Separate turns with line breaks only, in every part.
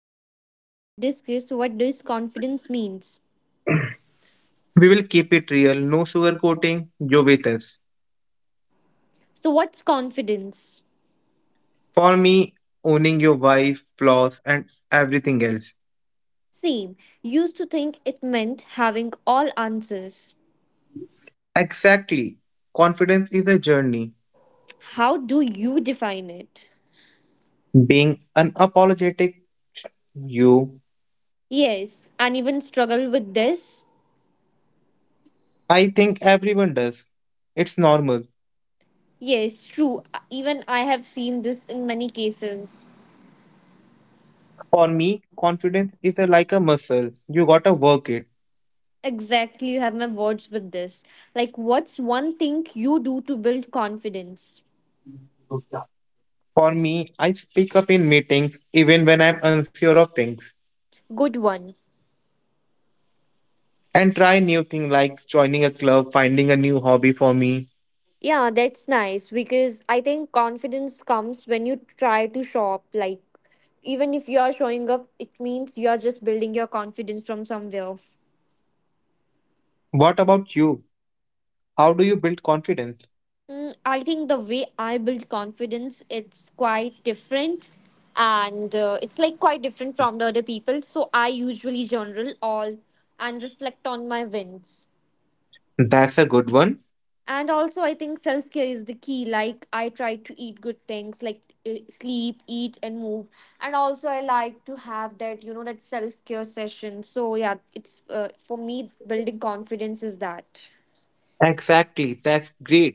Today we are going to discuss what does confidence means.
We will keep it real, no sugarcoating, you're with us.
So what's confidence?
For me, owning your wife, flaws, and everything else.
Same. Used to think it meant having all answers.
Exactly. Confidence is a journey.
How do you define it?
Being unapologetic, you.
Yes, and even struggle with this?
I think everyone does. It's normal.
Yes, true. Even I have seen this in many cases.
For me, confidence is like a muscle. You gotta work it.
Exactly, you have my words with this. Like, what's one thing you do to build confidence?
For me, I speak up in meetings even when I'm unsure of things
Good one.
and try new things like joining a club, finding a new hobby for me.
Yeah, that's nice because I think confidence comes when you try to shop. Like, even if you are showing up, it means you are just building your confidence from somewhere.
What about you? How do you build confidence?
I think the way I build confidence, it's quite different, and it's like quite different from the other people. So I usually journal all and reflect on my wins.
That's a good one.
And also I think self care is the key. Like I try to eat good things, like sleep, eat, and move. And also I like to have that you know that self care session. So yeah, it's for me, building confidence is that.
Exactly. That's great.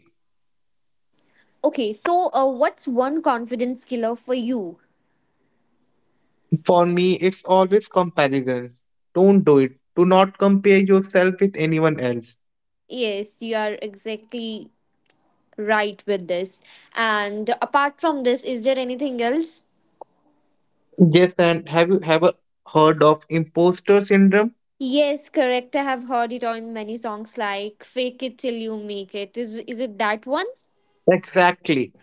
Okay, so what's one confidence killer for you?
For me, it's always comparisons. Don't do it. Do not compare yourself with anyone else.
Yes, you are exactly right with this. And apart from this, is there anything else?
Yes, and have you ever heard of imposter syndrome?
Yes, correct, I have heard it on many songs like fake it till you make it. Is it that one?
Exactly.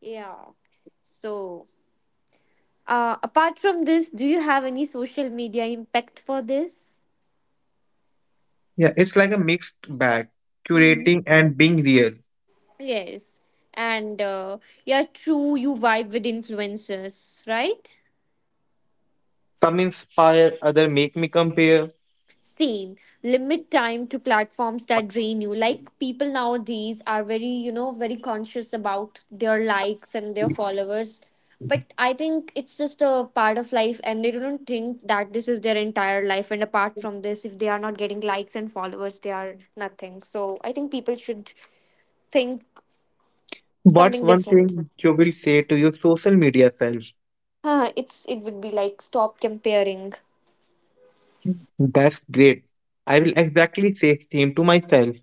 Yeah. So, apart from this, do you have any social media impact for this?
Yeah, it's like a mixed bag,
Mm-hmm.
curating and being real.
Yes. And yeah, true, you vibe with influencers, right?
Some inspire, other make me compare.
Same. Limit time to platforms that drain you. Like people nowadays are very, very conscious about their likes and their followers. But I think it's just a part of life, and they don't think that this is their entire life. And apart from this, if they are not getting likes and followers, they are nothing. So I think people should think
What's
something
one
different.
thing you will say to your social media self?
Huh, it would be like stop comparing.
That's great. I will exactly say same to myself.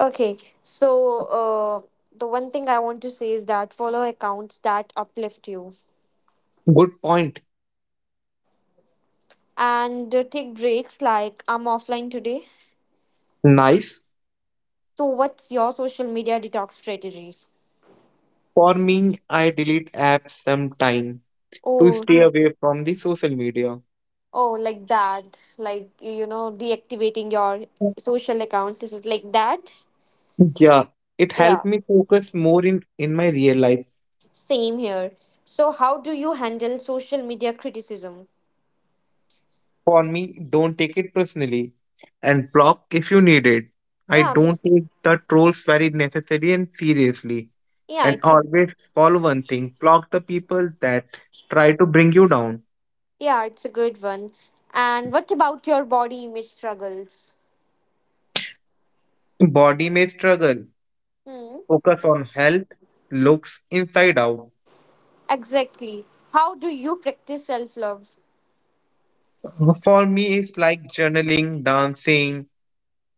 Okay, so uh, the one thing I want to say is that follow accounts that uplift you,
Good point.
and take breaks like I'm offline today.
Nice.
So, what's your social media detox strategy?
For me, I delete apps sometime to
Oh,
stay
hmm.
away from the social media.
Oh, like that, like deactivating your social accounts. This is like that.
Yeah, it
Yeah,
helped me focus more in my real life.
same here. So, how do you handle social media criticism?
For me, don't take it personally and block if you need it. I
Yeah,
don't
that's
take the trolls very necessary and seriously.
yeah,
And
it's a
always follow one thing, block the people that try to bring you down.
yeah, it's a good one. And what about your body image struggles?
Body may struggle.
Hmm.
Focus on health, looks inside out.
Exactly. How do you practice self love?
For me, it's like journaling, dancing,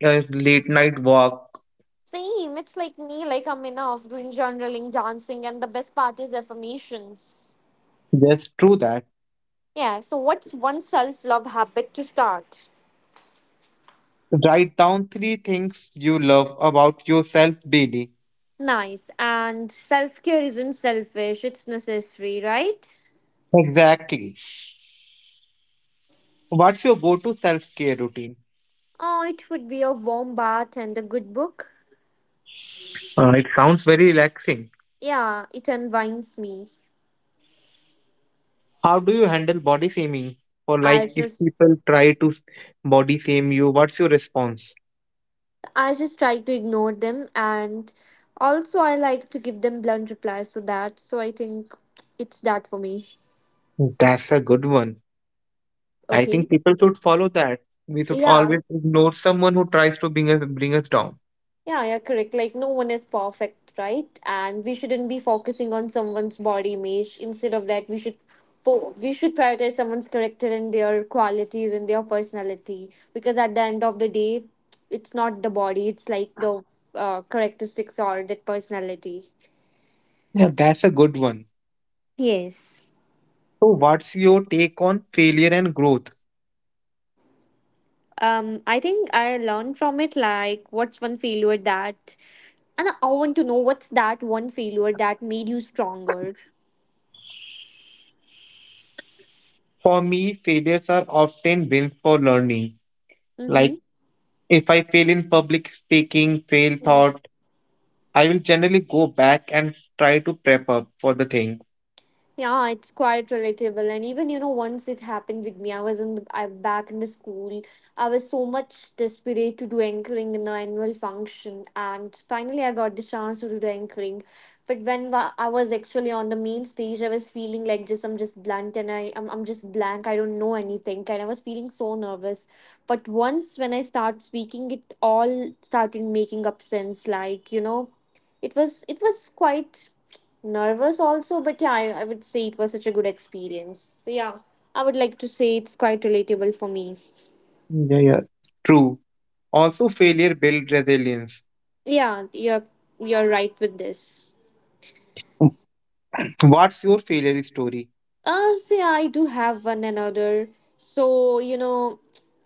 a late night walk.
Same. It's like me, like I'm enough doing journaling, dancing, and the best part is affirmations.
Just do that.
Yeah. So, what's one self love habit to start?
Write down three things you love about yourself daily.
Nice. And self care isn't selfish, it's necessary, right?
Exactly. What's your go to self care routine?
Oh, it would be a warm bath and a good book.
It sounds very relaxing.
Yeah, it unwinds me.
How do you handle body shaming? Or,
I
like, if
just
people try to body shame you, what's your response?
I just try to ignore them, and also I like to give them blunt replies to that. So I think it's that for me.
That's a good one. I
Okay.
think people should follow that. We should
Yeah.
always ignore someone who tries to bring us down.
Yeah, yeah, correct. Like no one is perfect, right? And we shouldn't be focusing on someone's body image. Instead of that, we should prioritize someone's character and their qualities and their personality. Because at the end of the day, it's not the body, it's like the characteristics or that personality.
Yeah, that's a good one.
Yes.
So, what's your take on failure and growth?
I think I learned from it. Like, what's one failure that, and I want to know what's that one failure that made you stronger.
For me, failures are often wins for learning.
Mm-hmm.
Like, if I fail in public speaking, fail thought, I will generally go back and try to prep up for the thing.
Yeah, it's quite relatable. And even, once it happened with me, I back in the school. I was so much desperate to do anchoring in the annual function. And finally, I got the chance to do the anchoring. But I was actually on the main stage, I was feeling like just, I'm just blunt, and I'm just blank. I don't know anything. And I was feeling so nervous. But once when I start speaking, it all started making up sense. Like, it was quite nervous also, but yeah, I would say it was such a good experience. So yeah, I would like to say it's quite relatable for me.
Yeah, yeah. True. Also, failure builds resilience.
Yeah, you're right with this.
What's your failure story?
See, I do have one another. So,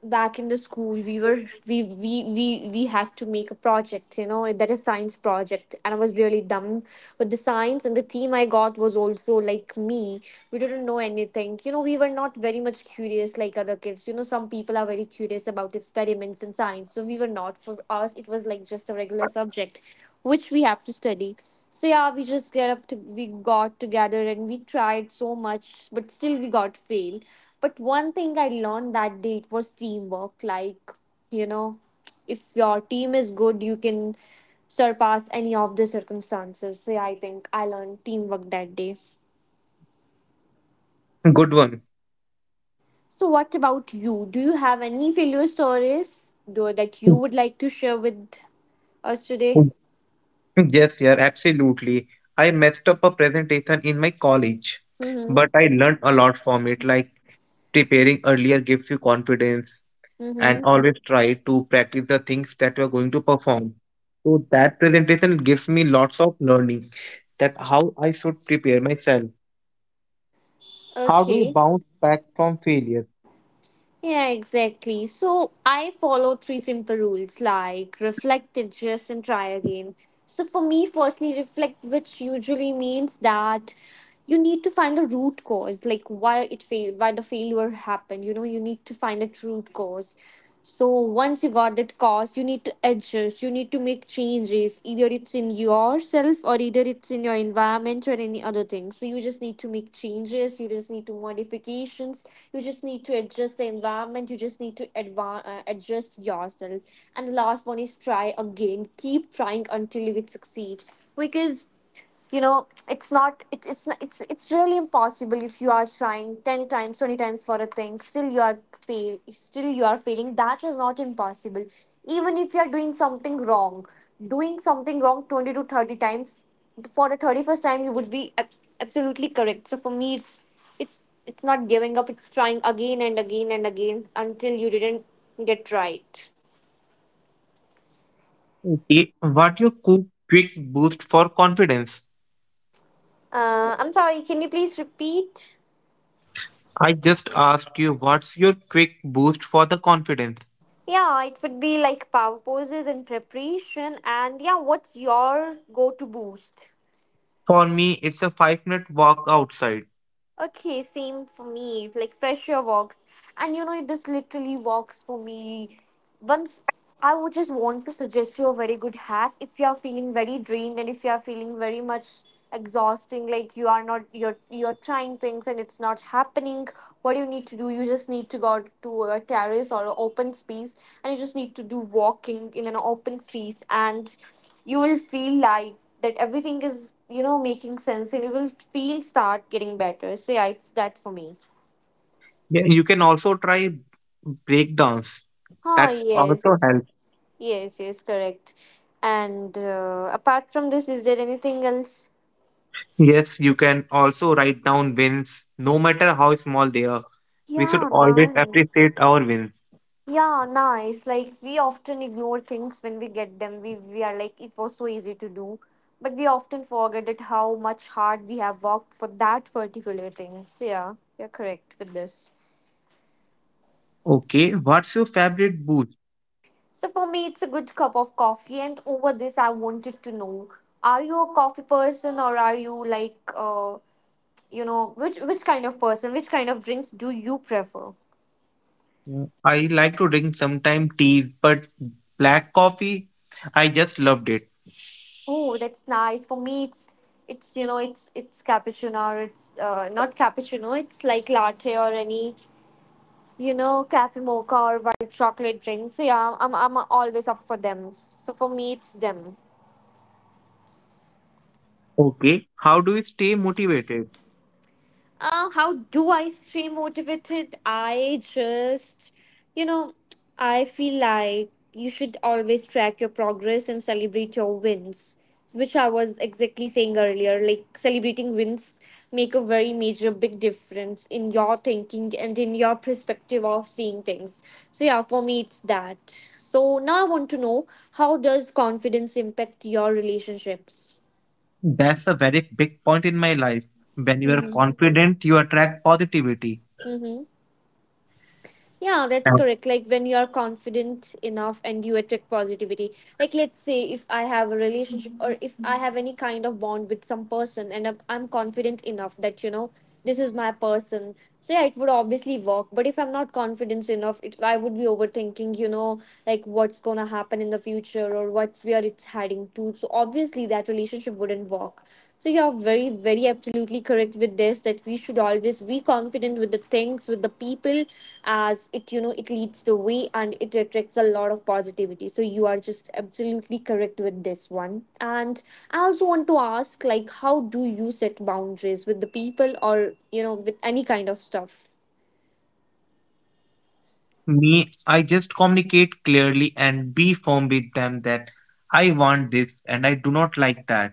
back in the school, we were we had to make a project, that is science project, and I was really dumb with the science, and the team I got was also like me. We didn't know anything. We were not very much curious like other kids. Some people are very curious about experiments in science, so we were not. For us, it was like just a regular subject which we have to study. So yeah, we just get up to we got together and we tried so much, but still we got failed. But one thing I learned that day, it was teamwork. Like, you know, if your team is good, you can surpass any of the circumstances. So yeah, I think I learned teamwork that day.
Good one.
So what about you? Do you have any failure stories though that you would like to share with us today?
Yes, yeah, absolutely. I messed up a presentation in my college,
Mm-hmm.
but I learned a lot from it. Like preparing earlier gives you confidence, and
Mm-hmm.
always try to practice the things that we're going to perform. So that presentation gives me lots of learning that how I should prepare myself. How do you
Okay.
bounce back from failure?
Yeah, exactly. So I follow three simple rules like reflect, adjust, and try again. So for me, firstly, reflect, which usually means that you need to find a root cause, like why it failed, why the failure happened. You need to find a root cause. So once you got that cost, you need to adjust, you need to make changes. Either it's in yourself, or either it's in your environment, or any other thing. So you just need to make changes, you just need to modifications, you just need to adjust the environment, you just need to adjust yourself. And the last one is try again. Keep trying until you succeed. Because you know it's not, it's really impossible. If you are trying 10 times 20 times for a thing, still you are failing, that is not impossible. Even if you are doing something wrong 20 to 30 times, for the 31st time you would be absolutely correct. So for me, it's not giving up, it's trying again and again and again until you didn't get right.
It, what your quick boost for confidence?
I'm sorry, can you please repeat?
I just asked you what's your quick boost for the confidence?
Yeah, it would be like power poses and preparation. And yeah, what's your go to boost?
For me, it's a 5 minute walk outside.
Okay, same for me. It's like fresher walks, and it just literally walks for me. Once I would just want to suggest you a very good hack if you are feeling very drained and if you are feeling very much exhausting, like you're trying things and it's not happening. What do you need to do, you just need to go out to a terrace or an open space, and you just need to do walking in an open space, and you will feel like that everything is making sense and you will feel start getting better. So yeah, it's that for me.
Yeah, you can also try breakdowns.
Oh,
That's also
yes.
help.
Yes, yes, correct. And apart from this, is there anything else?
Yes, you can also write down wins, no matter how small they are. We should
Yeah,
always
nice.
appreciate our wins.
Yeah, nice. Like, we often ignore things when we get them, we are like it was so easy to do, but we often forget that how much hard we have worked for that particular thing. So yeah, you're correct with this.
Okay, what's your favorite booze?
So for me, it's a good cup of coffee. And over this, I wanted to know: are you a coffee person, or are you like, which kind of person, which kind of drinks do you prefer?
Yeah. I like to drink sometime tea, but black coffee, I just loved it.
Oh, that's nice. For me, it's cappuccino. Or it's not cappuccino. It's like latte or any cafe mocha or white chocolate drinks. So yeah, I'm always up for them. So for me, it's them.
Okay, how do you stay motivated?
How do I stay motivated? You know, I feel like you should always track your progress and celebrate your wins, which I was exactly saying earlier. Like, celebrating wins make a very major, big difference in your thinking and in your perspective of seeing things. So, yeah, for me, it's that. So, now I want to know, how does confidence impact your relationships?
That's a very big point in my life. When you are
Mm-hmm.
confident, you attract positivity.
Mm-hmm. Yeah, that's
Yeah.
correct. Like when you are confident enough and you attract positivity. Like, let's say if I have a relationship or if I have any kind of bond with some person and I'm confident enough that you know this is my person. So yeah, it would obviously work. But if I'm not confident enough, it I would be overthinking, like what's gonna happen in the future or what's where it's heading to. So obviously that relationship wouldn't work. So you're very, very absolutely correct with this that we should always be confident with the things, with the people, as it you know it leads the way and it attracts a lot of positivity. So you are just absolutely correct with this one. And I also want to ask, like, how do you set boundaries with the people or with any kind of stuff?
Me, I just communicate clearly and be firm with them that I want this and I do not like that.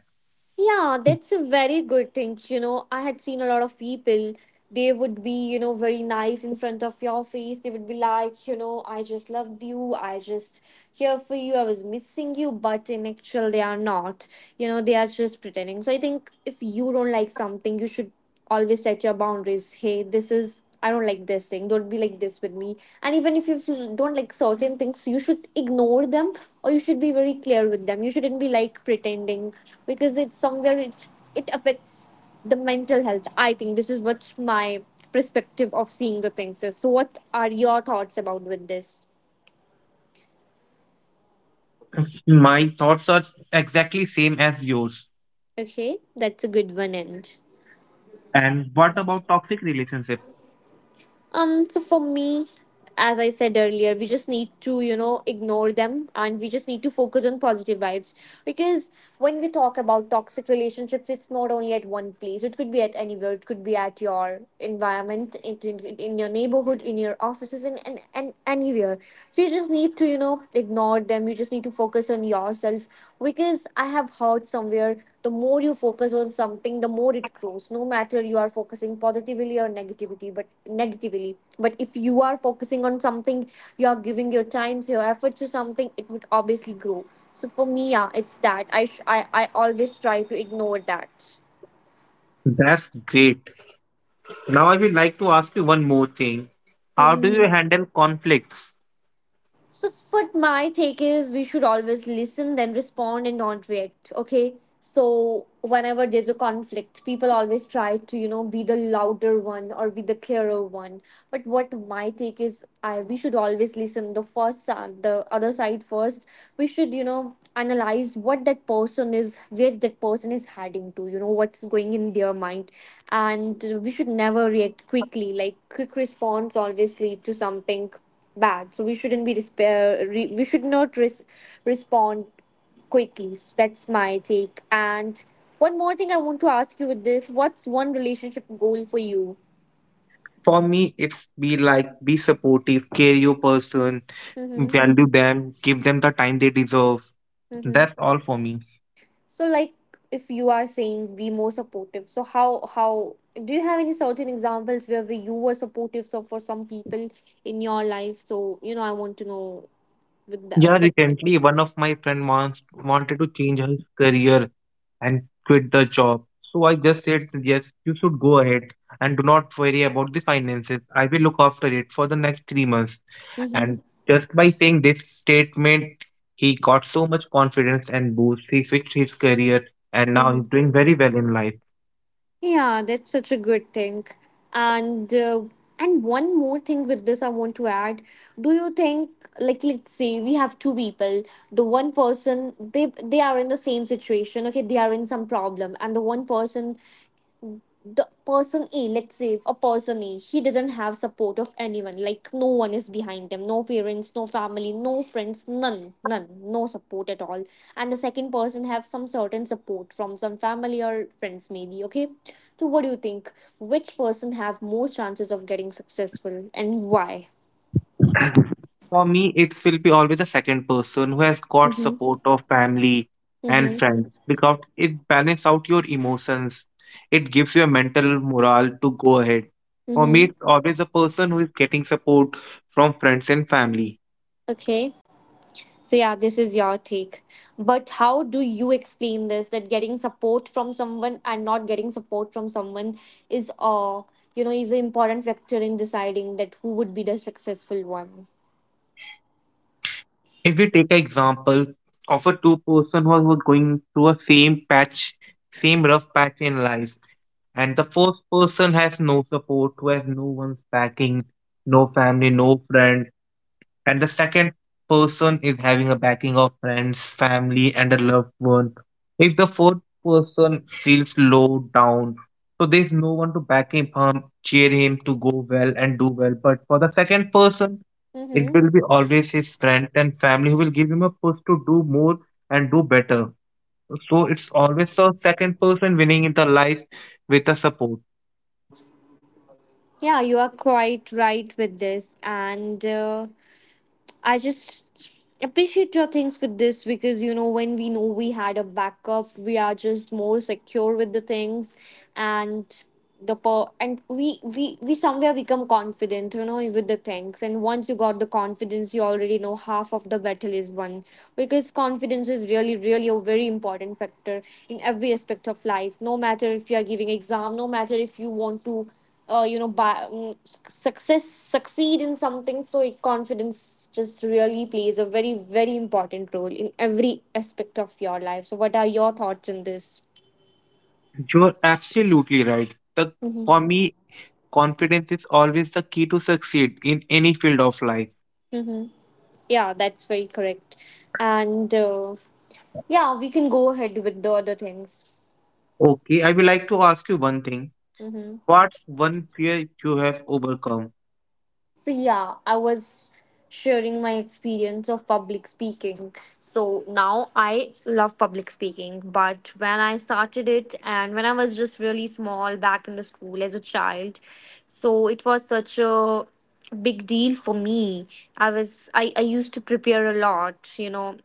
Yeah, that's a very good thing. I had seen a lot of people, they would be, very nice in front of your face. They would be like, I just loved you. I just here for you. I was missing you. But in actual, they are not. They are just pretending. So I think if you don't like something, you should always set your boundaries. Hey, this is, I don't like this thing, don't be like this with me. And even if don't like certain things, you should ignore them. Or you should be very clear with them, you shouldn't be like pretending, because it's somewhere it affects the mental health. I think this is what my perspective of seeing the things is. So what are your thoughts about with this?
My thoughts are exactly same as yours.
Okay, that's a good one end.
And what about toxic relationship?
So for me, as I said earlier, we just need to, ignore them, and we just need to focus on positive vibes. Because when we talk about toxic relationships, it's not only at one place, it could be at anywhere, it could be at your environment, in your neighborhood, in your offices, and anywhere. So you just need to, ignore them. You just need to focus on yourself, because I have heard somewhere: the more you focus on something, the more it grows. No matter you are focusing positively or negativity, but negatively. But if you are focusing on something, you are giving your time, your effort to something, it would obviously grow. So for me, yeah, it's that. I always try to ignore that.
That's great. Now I would like to ask you one more thing. How do you
Um,
handle conflicts?
So, what my take is, we should always listen, then respond and not react. Okay. So, whenever there's a conflict, people always try to, be the louder one or be the clearer one. But what my take is, I we should always listen the first side, the other side first. We should, analyze what that person is, where that person is heading to, what's going in their mind, and we should never react quickly. Like quick response always lead to something bad. So we shouldn't be despair re- we should not respond quickly. So that's my take, and one more thing I want to ask you with this: what's one relationship goal for you?
For me, it's be like be supportive, care your person,
Mm-hmm.
value them, give them the time they deserve.
Mm-hmm.
That's all for me.
So, like, if you are saying be more supportive, so how do you have any certain examples where you were supportive, so for some people in your life? So I want to know with the
Yeah,
for that.
recently one of my friend wants wanted to change her career and quit the job. So I just said yes, you should go ahead and do not worry about the finances. I will look after it for the next 3 months.
Mm-hmm.
And just by saying this statement, he got so much confidence and boost. He fixed his career and now he's
Mm-hmm.
doing very well in life.
Yeah, that's such a good thing. And uh, and one more thing with this I want to add. Do you think, like, let's say we have two people, the one person, they are in the same situation, okay, they are in some problem, and the one person, the person A, let's say a person A, he doesn't have support of anyone. Like no one is behind him, no parents, no family, no friends, none, none, no support at all. And the second person have some certain support from some family or friends, maybe. Okay, so what do you think? Which person have more chances of getting successful, and why?
For me, it will be always a second person who has got
Mm-hmm.
support of family and
Mm-hmm.
friends because it balances out your emotions. It gives you a mental morale to go ahead. For me,
Mm-hmm.
it's always the person who is getting support from friends and family.
Okay. So yeah, this is your take. But how do you explain this, that getting support from someone and not getting support from someone is you know is an important factor in deciding that who would be the successful one.
If we take an example of a two-person who was going through a same patch, same rough patch in life, and the first person has no support, who has no one's backing, no family, no friend and the second person is having a backing of friends, family, and a loved one. If the fourth person feels low down, so there's no one to back him, cheer him to go well and do well. But for the second person, it
Mm-hmm.
will be always his friend and family who will give him a push to do more and do better. So it's always the second person winning in the life with the support.
Yeah, you are quite right with this, and I just appreciate your things with this, because when we know we had a backup, we are just more secure with the things, and and we somewhere become confident, with the things. And once you got the confidence, you already know half of the battle is won, because confidence is really really a very important factor in every aspect of life. No matter if you are giving exam, no matter if you want to you know, by, success succeed in something. So confidence just really plays a very very important role in every aspect of your life. So what are your thoughts in this?
You're absolutely right. The
Mm-hmm.
for me, confidence is always the key to succeed in any field of life.
Mm-hmm. Yeah, that's very correct. And yeah, we can go ahead with the other things.
Okay, I would like to ask you one thing.
Mm-hmm.
What's one fear you have overcome?
So yeah, I was sharing my experience of public speaking. So now I love public speaking, but when I started it and when I was just really small back in the school as a child, so it was such a big deal for me. I used to prepare a lot.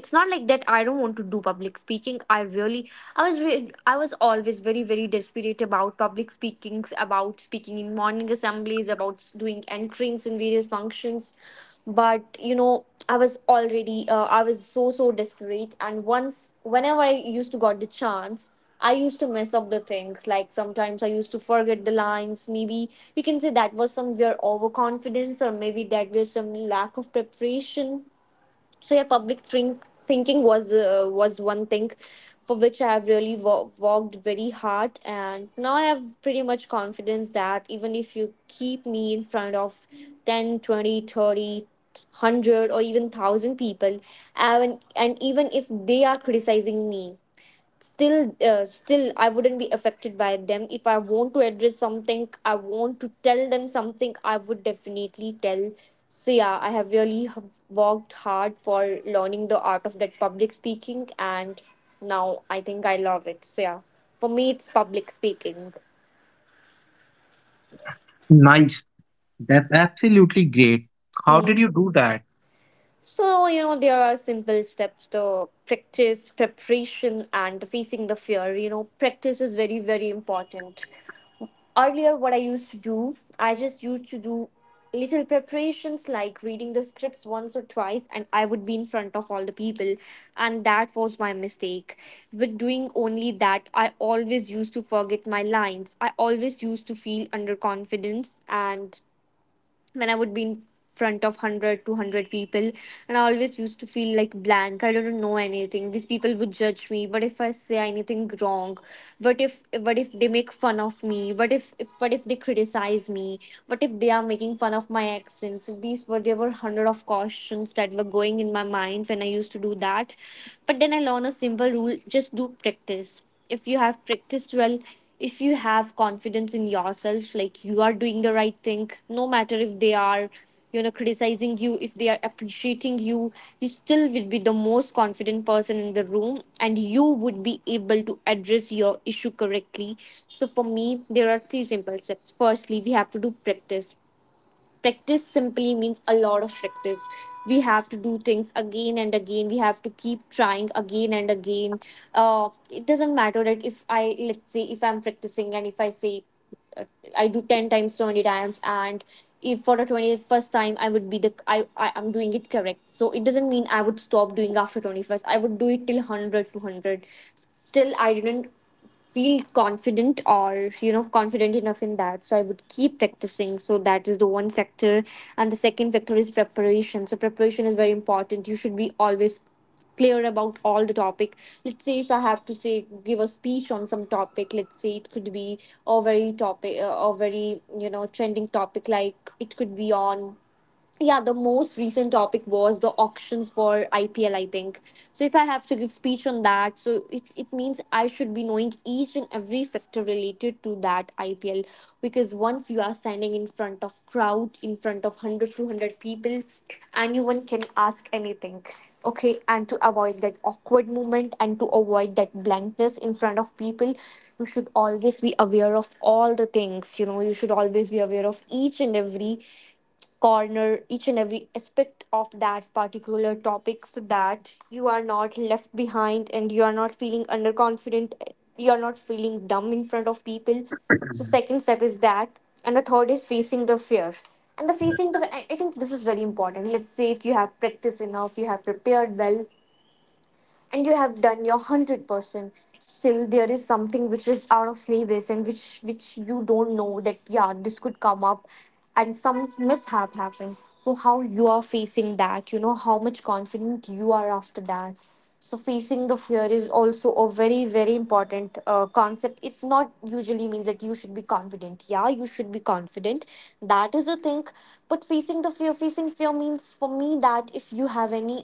It's not like that I don't want to do public speaking. I really i was re- i was always very very desperate about public speakings, about speaking in morning assemblies, about doing anchorings in various functions. But I was already, I was so so desperate, and once whenever I used to got the chance, I used to mess up the things, like sometimes I used to forget the lines. Maybe you can say that was somewhere overconfidence, or maybe that was some lack of preparation. So yeah, public thinking was, was one thing for which I have really worked very hard. And now I have pretty much confidence that even if you keep me in front of 10 20, 30, 100 or even 1,000 people, and even if they are criticizing me, still still I wouldn't be affected by them. If I want to address something, I want to tell them something, I would definitely tell. So yeah, I have really worked hard for learning the art of that public speaking, and now I think I love it. So yeah, for me it's public speaking.
Nice. That's absolutely great. How did
Hmm.
you do that?
So there are simple steps to practice, preparation and facing the fear. Practice is very very important. Earlier what I used to do, I just used to do little preparations, like reading the scripts once or twice, and I would be in front of all the people. And that was my mistake. With doing only that, I always used to forget my lines, I always used to feel underconfidence, and when I would be in front of 100 200 people. And I always used to feel like blank. I don't know anything. These people would judge me. What if I say anything wrong? What if they make fun of me? What if they criticize me? What if they are making fun of my accents? These were there were hundred of questions that were going in my mind when I used to do that. But then I learned a simple rule: just do practice. If you have practiced well, if you have confidence in yourself, like you are doing the right thing, no matter if they are, criticizing you, if they are appreciating you, you still will be the most confident person in the room, and you would be able to address your issue correctly. So for me there are three simple steps. Firstly, we have to do practice. Practice simply means a lot of practice. We have to do things again and again, we have to keep trying again and again. It doesn't matter, that if I let's say if I'm practicing, and if I say, uh, I do 10 times 20 times, and if for the 21st time I would be the I I'm doing it correct. So it doesn't mean I would stop doing after 21st. I would do it till 100 two hundred, till I didn't feel confident or confident enough in that. So I would keep practicing. So that is the one factor. And the second factor is preparation. So preparation is very important. You should be always clear about all the topic. Let's say if I have to say give a speech on some topic, let's say it could be a very trending topic, like it could be on. Yeah, the most recent topic was the auctions for IPL I think. So if I have to give speech on that, so it means I should be knowing each and every factor related to that IPL. Because once you are standing in front of crowd in front of 100 200 people, anyone can ask anything. Okay. And to avoid that awkward moment, and to avoid that blankness In front of people, you should always be aware of all the things. You should always be aware of each and every corner, each and every aspect of that particular topic, so that you are not left behind and you are not feeling underconfident, you are not feeling dumb in front of people. So second step is that. And the third is facing the fear. And the facing the i I think this is very important. Let's say if you have practiced enough, you have prepared well, and you have done your 100%. Still there is something which is out of syllabus, and which you don't know that, yeah, this could come up. And some mishap happened, so how you are facing that, how much confident you are after that. So facing the fear is also a very very important concept. It not usually means that you should be confident. Yeah, you should be confident. That is a thing. But facing the fear, facing fear means for me that if you have any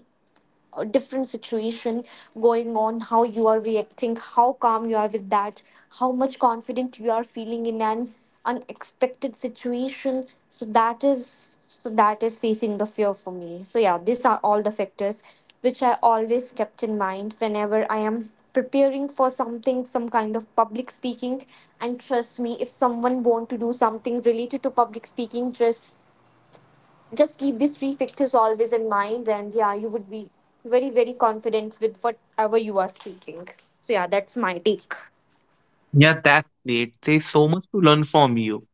a different situation going on, how you are reacting, how calm you are with that, how much confident you are feeling in an unexpected situation. So that is facing the fear for me. So yeah, these are all the factors which I always kept in mind whenever I am preparing for something, some kind of public speaking. And trust me, if someone want to do something related to public speaking, just keep these three factors always in mind, and yeah, you would be very very confident with whatever you are speaking. So yeah, that's my take.
Yeah, that's great. There's so much to learn from you.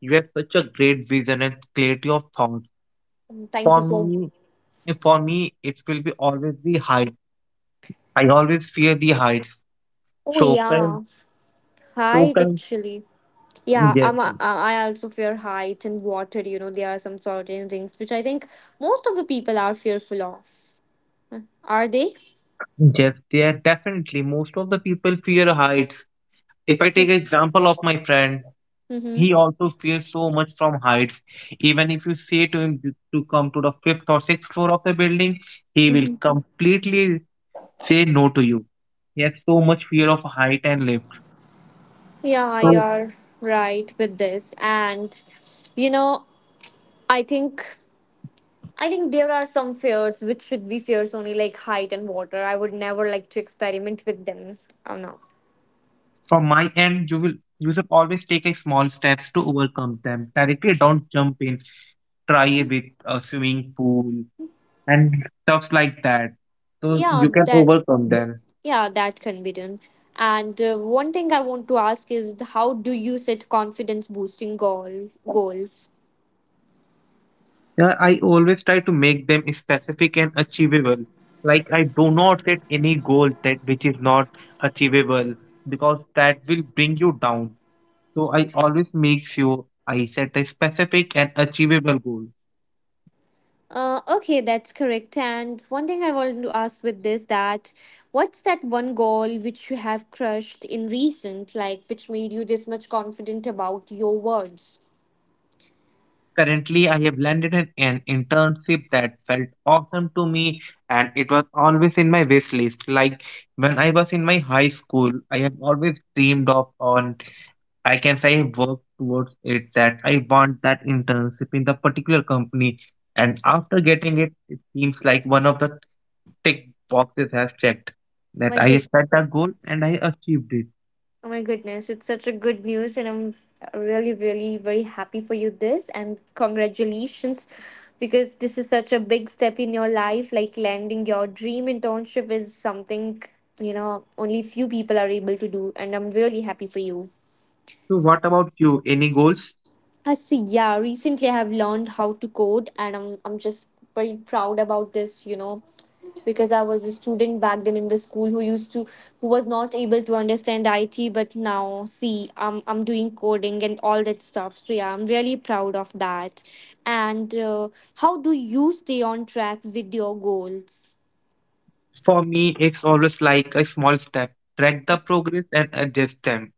You have such a great vision and clarity of thought.
Mm, thank
For
you so.
me, for me, it will be always the height. I always fear the heights.
Oh
So
yeah,
can so
height
can
actually. Yeah,
yes.
I also fear height and water. There are some certain things which I think most of the people are fearful of. Are they?
Yes, they are definitely. Most of the people fear heights. If I take example of my friend,
Mm-hmm.
he also fears so much from heights. Even if you say to him to come to the fifth or sixth floor of the building, he will
Mm-hmm.
completely say no to you. He has so much fear of height and lift.
Yeah,
So
you're right with this. And you know i think I think there are some fears which should be fears only, like height and water. I would never like to experiment with them. Oh no.
from my end, you will you should always take a small steps to overcome them. Directly don't jump in. Try a with a swimming pool and stuff like that. So
Yeah,
you can
that
overcome them.
yeah, that can be done. And one thing I want to ask is, how do you set confidence boosting goals?
Yeah, I always try to make them specific and achievable. Like I do not set any goal that which is not achievable because that will bring you down. So I always make sure I set a specific and achievable goal.
Okay, that's correct. And one thing I wanted to ask with this, that what's that one goal which you have crushed in recent, like which made you this much confident about your words?
Currently, I have landed an internship that felt awesome to me, and it was always in my wish list. Like when I was in my high school, I have always dreamed of on I can say I work towards it that I want that internship in the particular company, and after getting it, it seems like one of the tick boxes has checked that
My
I set a goal and I achieved it.
Oh my goodness, it's such a good news, and I'm really, really very happy for you this, and congratulations, because this is such a big step in your life. Like landing your dream internship is something only few people are able to do, and I'm really happy for you.
So, what about you? Any goals?
I see, yeah, recently I have learned how to code, and I'm just very proud about this, because I was a student back then in the school, who was not able to understand IT, but now see, I'm doing coding and all that stuff. So yeah, I'm really proud of that. And how do you stay on track with your goals?
For me, it's always like a small step. Track the progress and adjust them.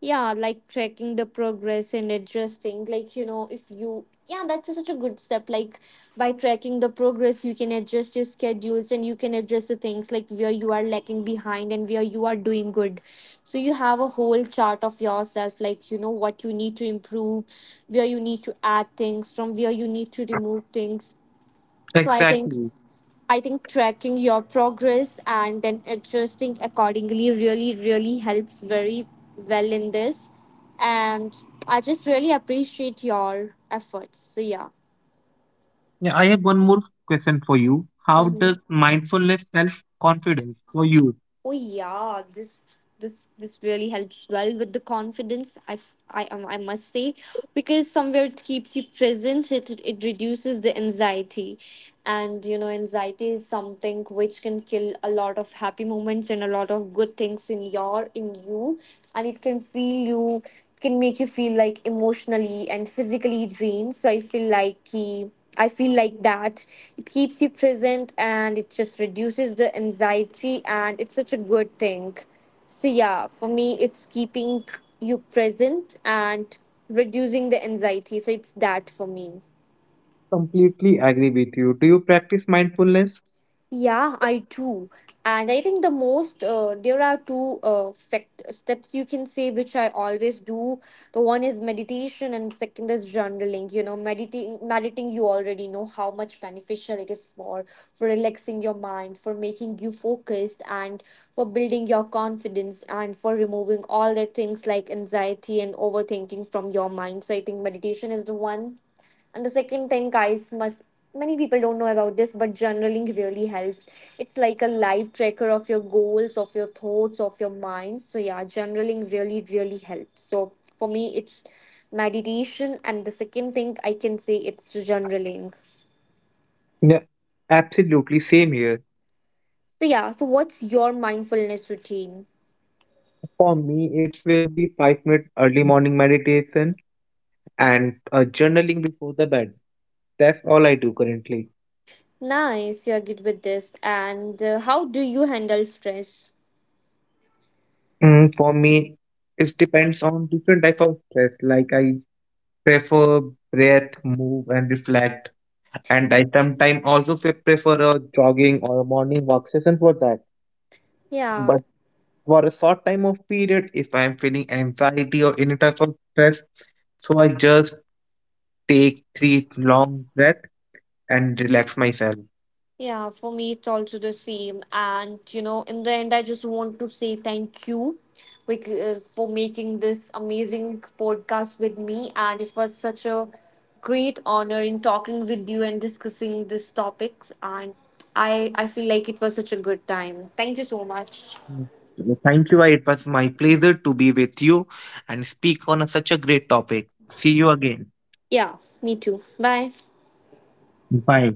Yeah, like tracking the progress and adjusting. Like, if you, yeah, that's such a good step. Like, by tracking the progress, you can adjust your schedules and you can adjust the things, like where you are lacking behind and where you are doing good. So, you have a whole chart of yourself, like, what you need to improve, where you need to add things, from where you need to remove things. So, I think
Exactly.
I think tracking your progress and then adjusting accordingly really, really helps very well in this. And I just really appreciate your efforts. So, yeah.
Yeah, I have one more question for you. How
Hmm.
does mindfulness help confidence for you?
Oh yeah, this really helps well with the confidence. I f- I must say, because somewhere it keeps you present. It reduces the anxiety, and anxiety is something which can kill a lot of happy moments and a lot of good things in you, and it can feel you can make you feel like emotionally and physically drained. So I feel like that. It keeps you present and it just reduces the anxiety, and it's such a good thing. So, yeah, for me, it's keeping you present and reducing the anxiety. So, it's that for me.
Completely agree with you. Do you practice mindfulness?
Yeah, I do. And I think there are two fact steps you can say which I always do. The one is meditation, and second is journaling. You know, meditating, you already know how much beneficial it is for relaxing your mind, for making you focused, and for building your confidence, and for removing all the things like anxiety and overthinking from your mind. So I think meditation is the one. And the second thing, guys, must many people don't know about this, but journaling really helps. It's like a live tracker of your goals, of your thoughts, of your mind. So yeah, journaling really, really helps. So for me, it's meditation, and the second thing I can say, it's journaling.
Yeah, absolutely. Same here.
So yeah, so what's your mindfulness routine?
For me, it will be 5 minute early morning meditation and journaling before the bed. That's all I do currently.
Nice, you're good with this. And how do you handle stress?
Mm, for me, it depends on different type of stress. Like I prefer breath, move, and reflect. And I sometimes also prefer a jogging or a morning walk session for that.
Yeah,
But for a short time of period if I'm feeling anxiety or any type of stress. So I just take three long breath and relax myself.
Yeah, for me, it's also the same. And, in the end, I just want to say thank you, because, for making this amazing podcast with me. And it was such a great honor in talking with you and discussing these topics. And I feel like it was such a good time. Thank you so much.
Mm. Thank you. It was my pleasure to be with you and speak on such a great topic. See you again.
Yeah, me too. Bye.
Bye.